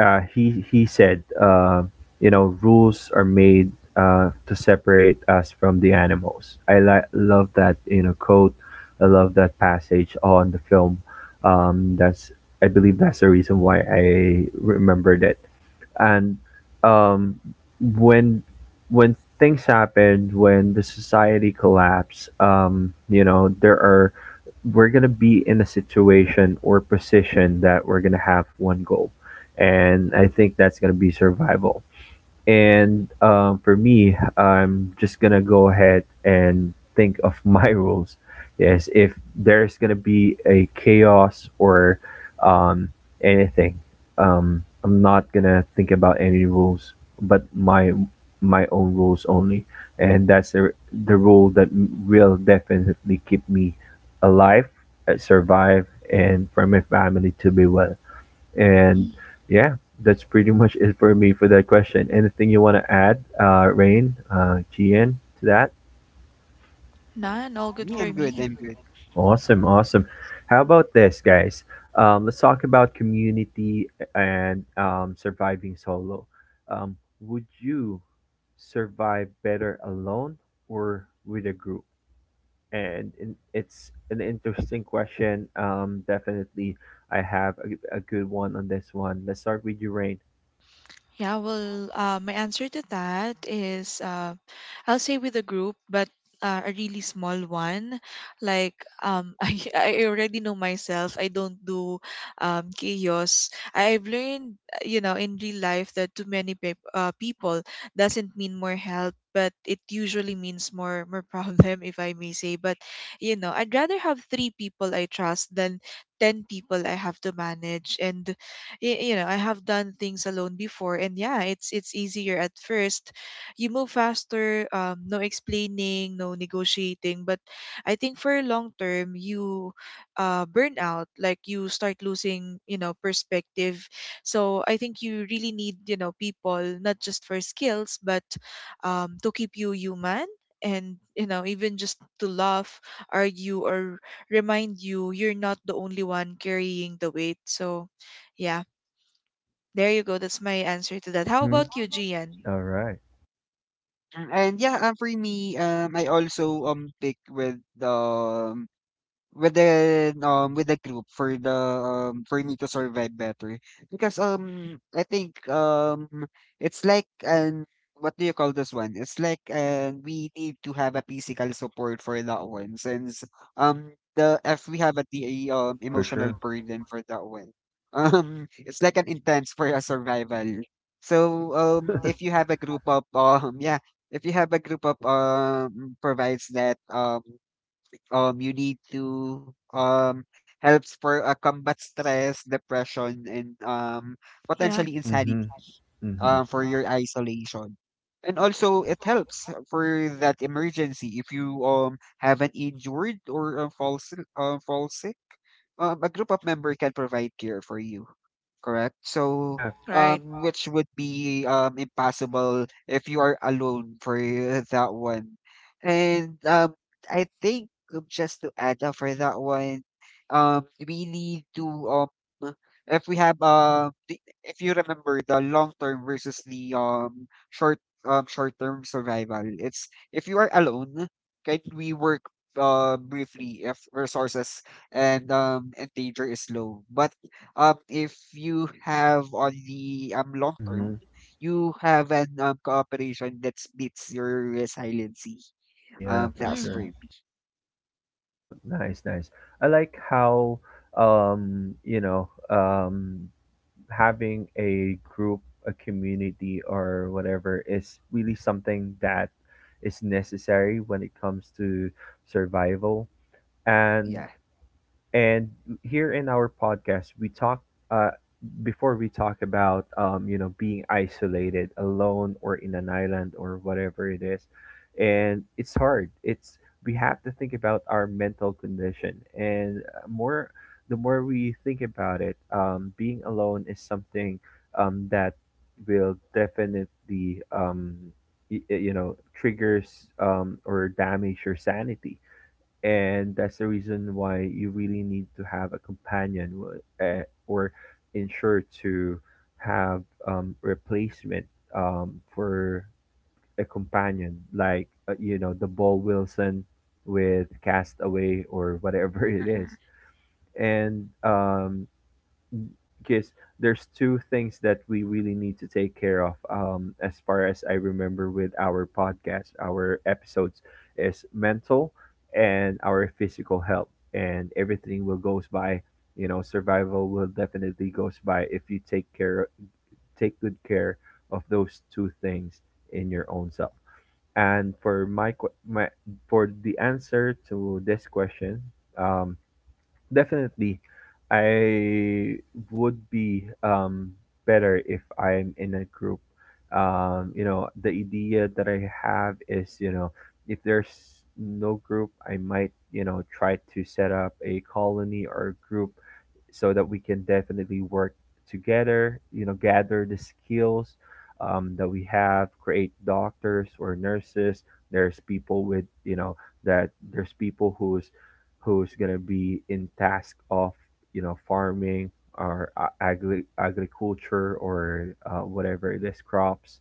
uh, he he said, uh, you know, rules are made uh, to separate us from the animals. I li- love that, you know, quote. I love that passage on the film. Um, that's I believe that's the reason why I remembered it, and um, when when things happen, when the society collapse, um, you know, there are we're gonna be in a situation or position that we're gonna have one goal, and I think that's gonna be survival. And um, for me, I'm just gonna go ahead and think of my rules. Yes, if there's gonna be a chaos or um, anything, um, I'm not gonna think about any rules, but my my own rules only. And that's the the rule that m- will definitely keep me alive, uh, survive, and for my family to be well. And
Mm.
yeah, that's pretty much it for me for that question. Anything you want to add, uh, Rain, uh, Gian, to that?
None, all good
Me, I'm
for
good.
me.
I'm good.
Awesome, awesome. How about this, guys? Um, let's talk about community and um, surviving solo. Um, would you survive better alone or with a group? And in, it's an interesting question. Um, definitely, I have a, a good one on this one. Let's start with you, Rain.
Yeah, well, uh, my answer to that is uh, I'll say with a group, but uh, a really small one. Like um, I, I already know myself. I don't do um, chaos. I've learned, uh, you know, in real life that too many pe- uh, people doesn't mean more help, but it usually means more more problem, if I may say. But you know, I'd rather have three people I trust than ten people I have to manage. And y- you know, I have done things alone before, and yeah, it's it's easier at first. You move faster, um, no explaining, no negotiating, but I think for long term you uh, burn out. Like you start losing, you know, perspective. So I think you really need, you know, people not just for skills, but um, to keep you human, and you know, even just to laugh, argue, or remind you you're not the only one carrying the weight. So yeah, there you go. That's my answer to that. How
Mm-hmm.
about you, Gian?
All right,
Mm. And yeah, um, for me, um, I also um pick with the with the um with the group for the um for me to survive better, because um I think um it's like an, what do you call this one? It's like uh, we need to have a physical support for that one, since um the, if we have a, the um
for
emotional
sure.
burden for that one, um it's like an intense for a survival. So
Yeah.
um if you have a group of um yeah, if you have a group of um provides that um um you need to um helps for uh, combat stress, depression, and um
Yeah.
potentially insanity
Mhm. Mhm.
um for your isolation. And also
Yeah.
it helps for that emergency if you um have an injured or uh, fall si- uh, fall sick. Um, a group of member can provide care for you. Correct. So,
Yeah.
Right.
um, which would be um impossible if you are alone for that one. And um, I think um, just to add up for that one, um, we need to um, if we have um, the, if you remember the long term versus the um short um short term survival. It's if you are alone, can we work uh briefly if resources and um and danger is low, but um if you have on the um long term,
Mhm.
you have an um cooperation that beats your resiliency.
Yeah,
um
for
that's for
sure.
Mm,
me.
Wow, nice, nice. I like how, um, you know, um having a group, a community or whatever, is really something that is necessary when it comes to survival. And
Yeah.
And here in our podcast, we talk, uh, before we talk about, um, you know, being isolated, alone, or in an island, or whatever it is. And it's hard. It's We have to think about our mental condition, and uh, more the more we think about it, um, being alone is something um, that will definitely um, y- y- you know, triggers um, or damage your sanity. And that's the reason why you really need to have a companion, w- eh, or ensure to have um, replacement um, for a companion, like, uh, you know, the ball Wilson with Castaway or whatever it is. And um, because there's two things that we really need to take care of, um, as far as I remember with our podcast our episodes, is mental and our physical health. And everything will goes by, you know, survival will definitely goes by if you take care, take good care of those two things in your own self. And for my, que- my for the answer to this question, um, definitely, I would be um, better if I'm in a group. Um, you know, the idea that I have is, you know, if there's no group, I might, you know, try to set up a colony or a group so that we can definitely work together, you know, gather the skills um, that we have, create doctors or nurses. There's people with, you know, that there's people who's who's gonna be in task of, you know, farming or a- agri- agriculture or uh, whatever it is, crops.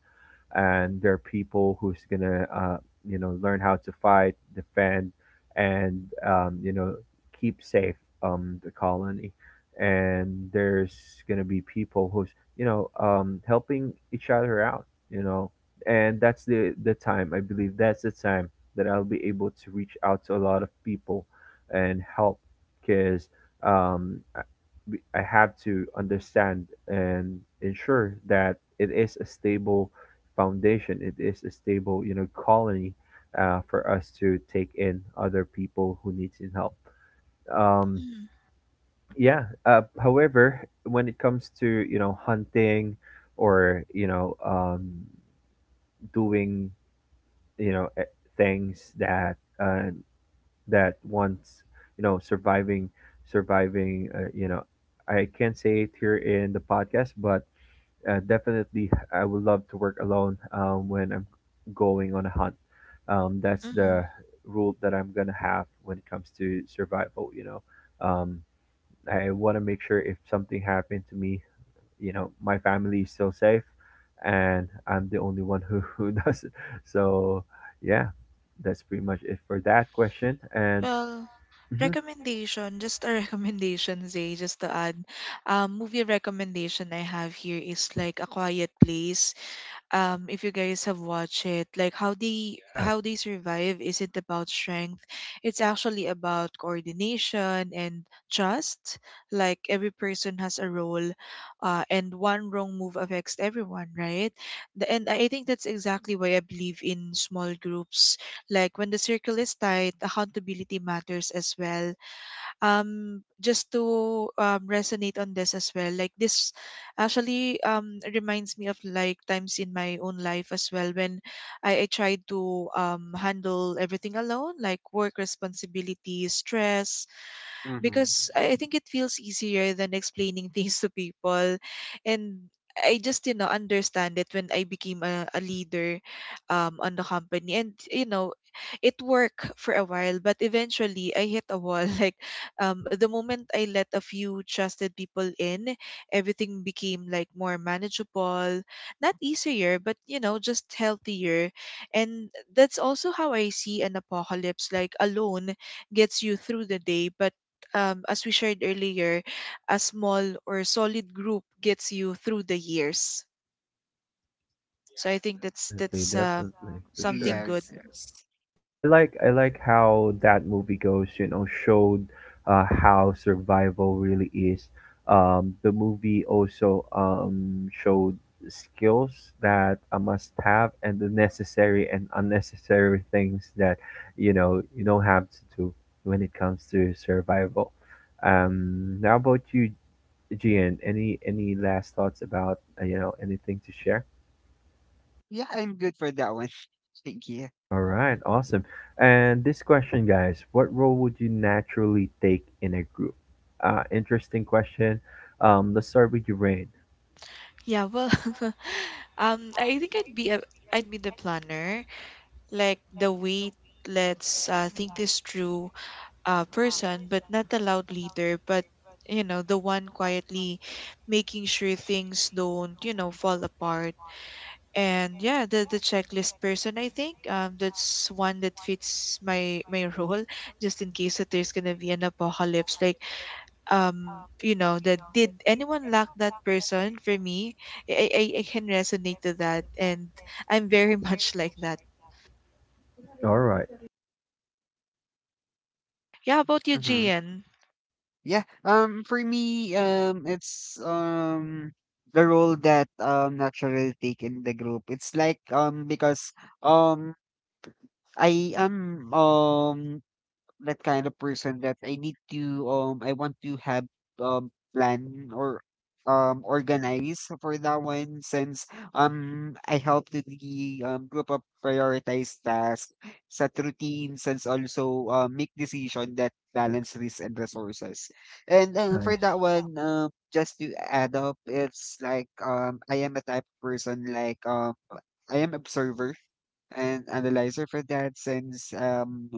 And there are people who's gonna, uh, you know, learn how to fight, defend, and um, you know, keep safe um, the colony. And there's gonna be people who's, you know, um, helping each other out, you know. And that's the the time, I believe that's the time that I'll be able to reach out to a lot of people and help. Because um, I we- I have to understand and ensure that it is a stable foundation, it is a stable, you know, colony, uh, for us to take in other people who needs in help, um,
mm,
yeah. Uh, however, when it comes to, you know, hunting or you know, um, doing, you know, e- things that, uh, that once, you know, surviving surviving, uh, you know, I can't say it here in the podcast, but uh, definitely I would love to work alone um, when I'm going on a hunt. Um, that's
mm.
the rule that I'm gonna have when it comes to survival. You know. Um, I want to make sure if something happened to me, you know, my family is still safe, and I'm the only one who, who does it, so yeah, that's pretty much it for that question. And
Well,
mhm,
recommendation, just a recommendation, Zay, just to add. Um, movie recommendation I have here is like A Quiet Place. Um, if you guys have watched it, like how they
yeah.
how they survive isn't about strength, it's actually about coordination and trust. Like every person has a role, uh, and one wrong move affects everyone, right? The- and I think that's exactly why I believe in small groups. Like when the circle is tight, accountability matters as well. Um, just to um, resonate on this as well, like this actually um reminds me of like times in my own life as well when i, I tried to um handle everything alone, like work, responsibilities, stress,
Mm-hmm.
because I I think it feels easier than explaining things to people. And I just, you know, understand it when I became a, a leader um, on the company. And, you know, it worked for a while, but eventually I hit a wall. Like, um, the moment I let a few trusted people in, everything became like more manageable, not easier, but, you know, just healthier. And that's also how I see an apocalypse. Like alone gets you through the day, but um, as we shared earlier, a small or solid group gets you through the years. So I think that's
definitely
that's uh,
definitely for sure.
something good.
Yes, yes.
I like I like how that movie goes, you know, showed uh, how survival really is. Um, the movie also um, showed skills that a must have and the necessary and unnecessary things that, you know, you don't have to do when it comes to survival. Um, how about you, Gian? Any any last thoughts about uh, you know, anything to share?
Yeah, I'm good for that one. Thank you.
Oh, all right, awesome. And this question, guys, what role would you naturally take in a group? Uh, interesting question. Um, let's start with you, Rain.
Yeah, well, um, I think I'd be a, I'd be the planner, like the wait, let's uh, think this through uh, person, but not the loud leader, but you know, the one quietly making sure things don't, you know, fall apart. And yeah, the the checklist person, I think um that's one that fits my my role, just in case that there's gonna be an apocalypse. Like um you know that, did anyone lack that person for me? i i, I can resonate to that, and I'm very much like that.
All right,
Yeah, how about you,
Mm-hmm.
Gian?
Yeah. Um. For me, um, it's um the role that um naturally take in the group. It's like um because um I am um that kind of person that I need to um I want to have um plan or um organize for that one, since um I help to the um group of prioritize tasks, set routines, and also uh, make decision that balance risk and resources. And uh, for that
nice.
one, um just to add up, it's like um I am a type of person like um I am observer, an analyzer for that, since um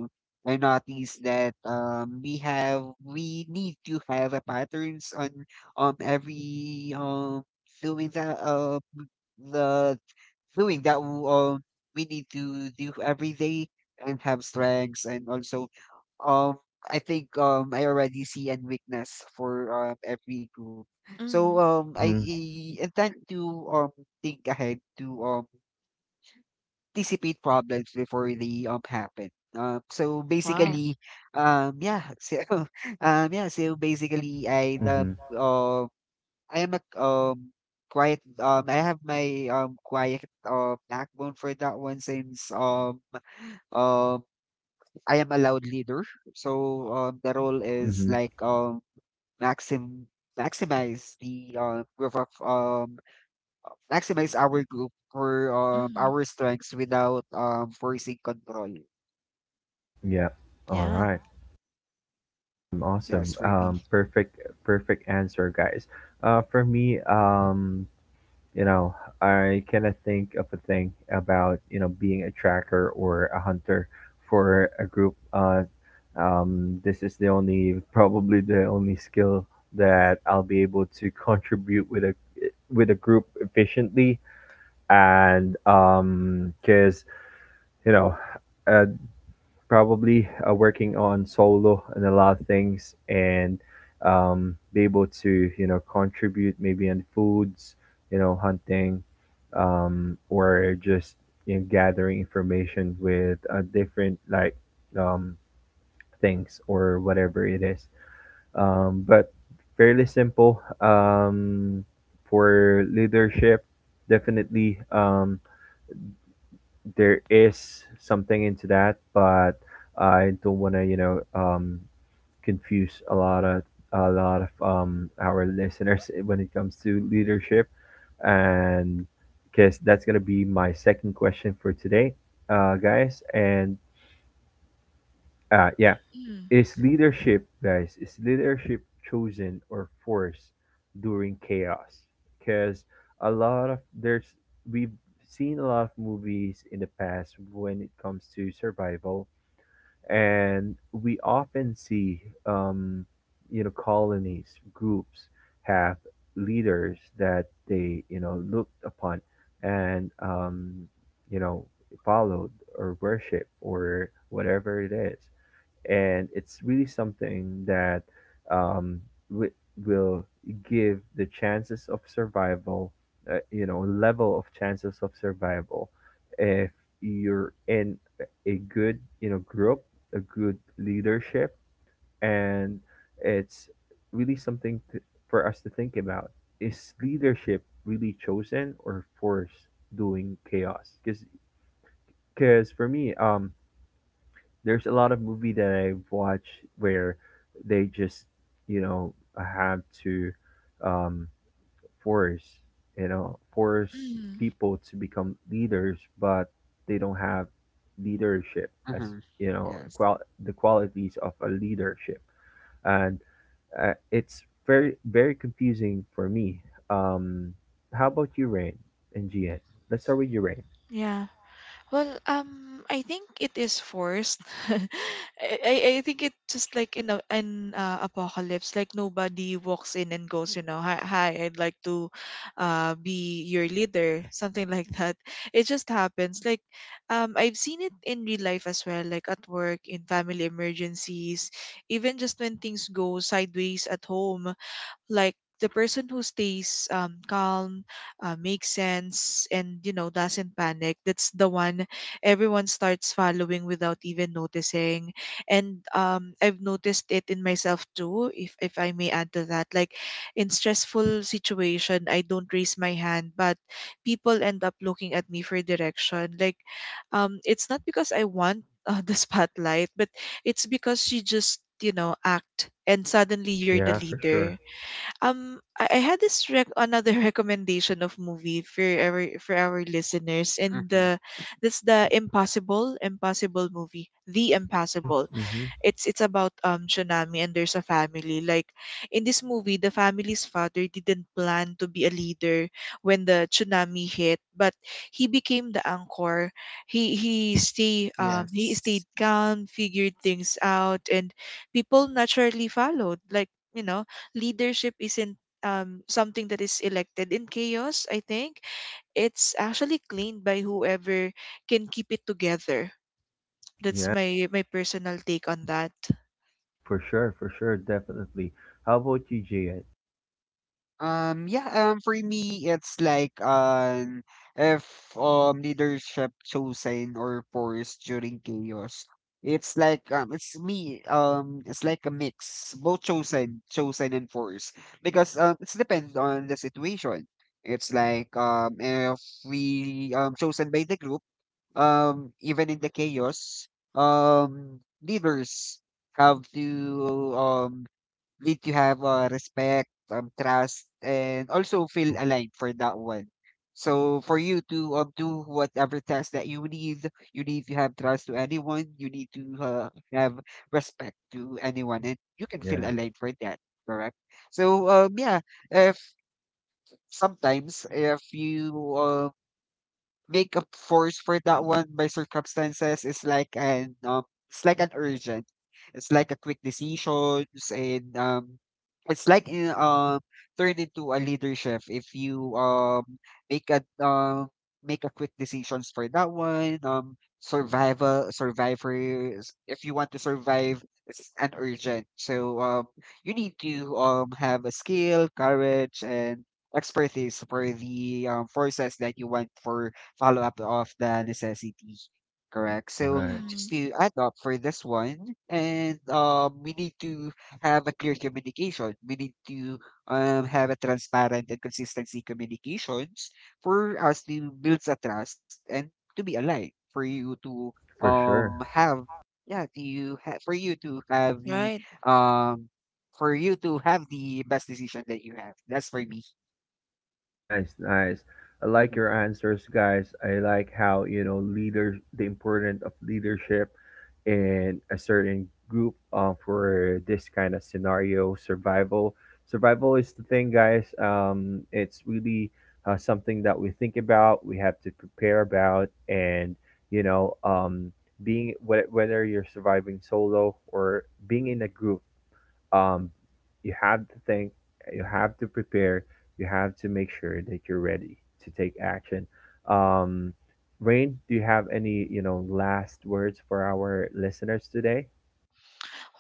I noticed that um we have, we need to have a patterns on um every um doing that uh the doing that w- um we need to do every day, and have strengths, and also um I think um I already see a weakness for um every group. So
Mm,
um I,
Mm-hmm.
I intend to um think ahead to um anticipate problems before they um happen. Uh, so
wow.
basically, um, yeah, so um, yeah, so basically, I the
Mm-hmm.
uh, I am a um quiet um I have my um quiet uh backbone for that one, since um um I am a loud leader. So um the role is
Mm-hmm.
like um maxim maximize the uh group of um maximize our group for um
Mm,
our strengths without um forcing control.
Yeah. All
yeah.
right. Awesome.
Yes,
Awesome.
for me.
Um, perfect. Perfect answer, guys. Uh, for me, um, you know, I cannot think of a thing about, you know, being a tracker or a hunter for a group. Uh, um, this is the only, probably the only skill that I'll be able to contribute with a with a group efficiently. And um, because, you know, uh, probably uh, working on solo and a lot of things, and um, be able to, you know, contribute maybe in foods, you know, hunting, um, or just, you know, gathering information with uh, different, like, um, things or whatever it is, um, but fairly simple, um, for leadership, definitely, um, there is something into that, but I don't want to, you know, um, confuse a lot of a lot of um, our listeners when it comes to leadership, and because that's gonna be my second question for today, uh, guys. And uh, yeah,
Mm,
is leadership, guys, is leadership chosen or forced during chaos? Because a lot of there's we've seen a lot of movies in the past when it comes to survival, and we often see, um, you know, colonies, groups have leaders that they, you know, looked upon and, um, you know, followed or worship or whatever it is, and it's really something that, um, w- will give the chances of survival, uh, you know, level of chances of survival, if you're in a good, you know, group, a good leadership, and it's really something to, for us to think about. Is leadership really chosen or forced doing chaos? Because, for me, um, there's a lot of movie that I watch where they just, you know, have to, um, force, you know, force
mm,
people to become leaders, but they don't have leadership as,
Mhm.
you know,
Yes.
qual- the qualities of a leadership, and uh, it's very very confusing for me. Um, how about you, Rain and Gian? Let's start with you, Rain.
yeah. Well, um, I think it is forced. I, I I think it's just like in a, an uh, apocalypse, like nobody walks in and goes, you know, hi, hi, I'd like to uh, be your leader, something like that. It just happens. Like, um, I've seen it in real life as well, like at work, in family emergencies, even just when things go sideways at home. Like the person who stays um, calm, uh, makes sense, and you know, doesn't panic, that's the one everyone starts following without even noticing. And um, I've noticed it in myself too, if, if I may add to that. Like in stressful situation, I don't raise my hand, but people end up looking at me for direction. Like um, it's not because I want uh, the spotlight, but it's because you just, you know, act and suddenly you're the
Yeah, for
leader.
sure.
Um, I, I had this rec- another recommendation of movie for our for our listeners, and
Mhm.
the that's the Impossible Impossible movie, The
Mm-hmm.
Impossible.
Mm-hmm.
it's it's about um Tsunami and there's a family. Like in this movie, the family's father didn't plan to be a leader when the tsunami hit, but he became the anchor. He he stay um he stayed
Yes.
calm, figured things out, and people naturally followed. Like you know, leadership isn't um something that is elected in chaos. I think it's actually claimed by whoever can keep it together. That's
Yeah.
my my personal take on that.
For sure, for sure, definitely. How about you, Jade?
Um, yeah, um, for me, it's like um, if um leadership chosen or forced during chaos, it's like um, it's me. Um, it's like a mix, both chosen, chosen and forced, because um, it's depends on the situation. It's like um, if we um chosen by the group um even in the chaos, um leaders have to um need to have uh, respect, um trust, and also feel
Mm-hmm.
aligned for that one. So for you to um do whatever task that you need, you need to have trust to anyone, you need to uh, have respect to anyone, and you can feel
Yeah.
aligned for that, correct? So um yeah, if sometimes if you um make up force for that one by circumstances, is like an um it's like an urgent. It's like a quick decisions, and um it's like in um turn into a leadership if you um make a um make a quick decisions for that one, um survival survivors, if you want to survive, it's an urgent, so um you need to um have a skill, courage, and expertise for the um, forces that you want for follow up of the necessity. Correct.
All
So
right.
Hmm.
just to add up for this one, and um, we need to have a clear communication. We need to um, have a transparent and consistency communications for us to build a trust and to be aligned. For you to
For
um
sure.
have, yeah, to ha- for you to have the
Right.
um for you to have the best decision that you have. That's for me.
Nice, nice. I like
Mm-hmm.
your answers, guys. I like how, you know, leaders, the importance of leadership in a certain group, uh, for this kind of scenario. Survival, survival is the thing, guys. Um, it's really uh, something that we think about, we have to prepare about, and you know, um, being whe- whether you're surviving solo or being in a group, um, you have to think, you have to prepare, you have to make sure that you're ready to take action. Um, Rain, do you have any, you know, last words for our listeners today?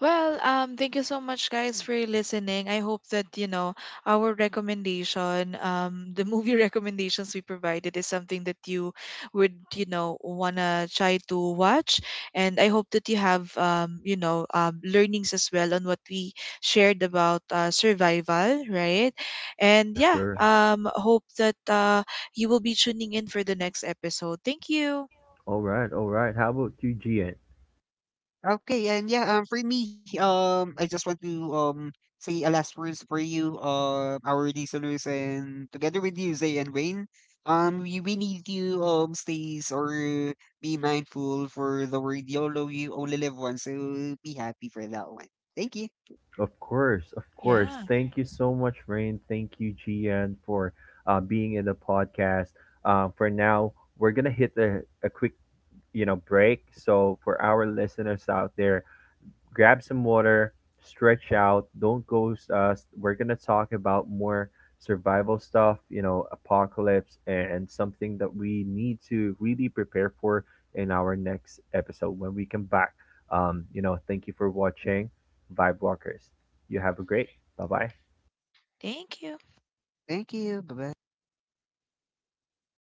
Well, um, thank you so much, guys, for listening. I hope that, you know, our recommendation, um, the movie recommendations we provided is something that you would, you know, wanna try to watch. And I hope that you have, um, you know, um, learnings as well on what we shared about uh, survival, right? And
For
yeah,
sure.
um, hope that uh, you will be tuning in for the next episode. Thank you.
All right, all right. How about you, Gian?
Okay, and yeah, um, for me, um, I just want to um say a last words for you, uh, our listeners, and together with you, Zay and Wayne, um, we, we need to um stay s- or be mindful for the word YOLO. You only live once, so be happy for that one. Thank you,
Of course, of
Yeah.
course. Thank you so much, Rain. Thank you, Gian, for uh, being in the podcast. Uh, for now, we're gonna hit a, a quick, you know, break. So for our listeners out there, grab some water, stretch out. Don't go. Uh, we're gonna talk about more survival stuff. You know, apocalypse and something that we need to really prepare for in our next episode when we come back. Um, you know, thank you for watching, Vibe Walkers. You have a great. Bye bye.
Thank you.
thank you, bye bye.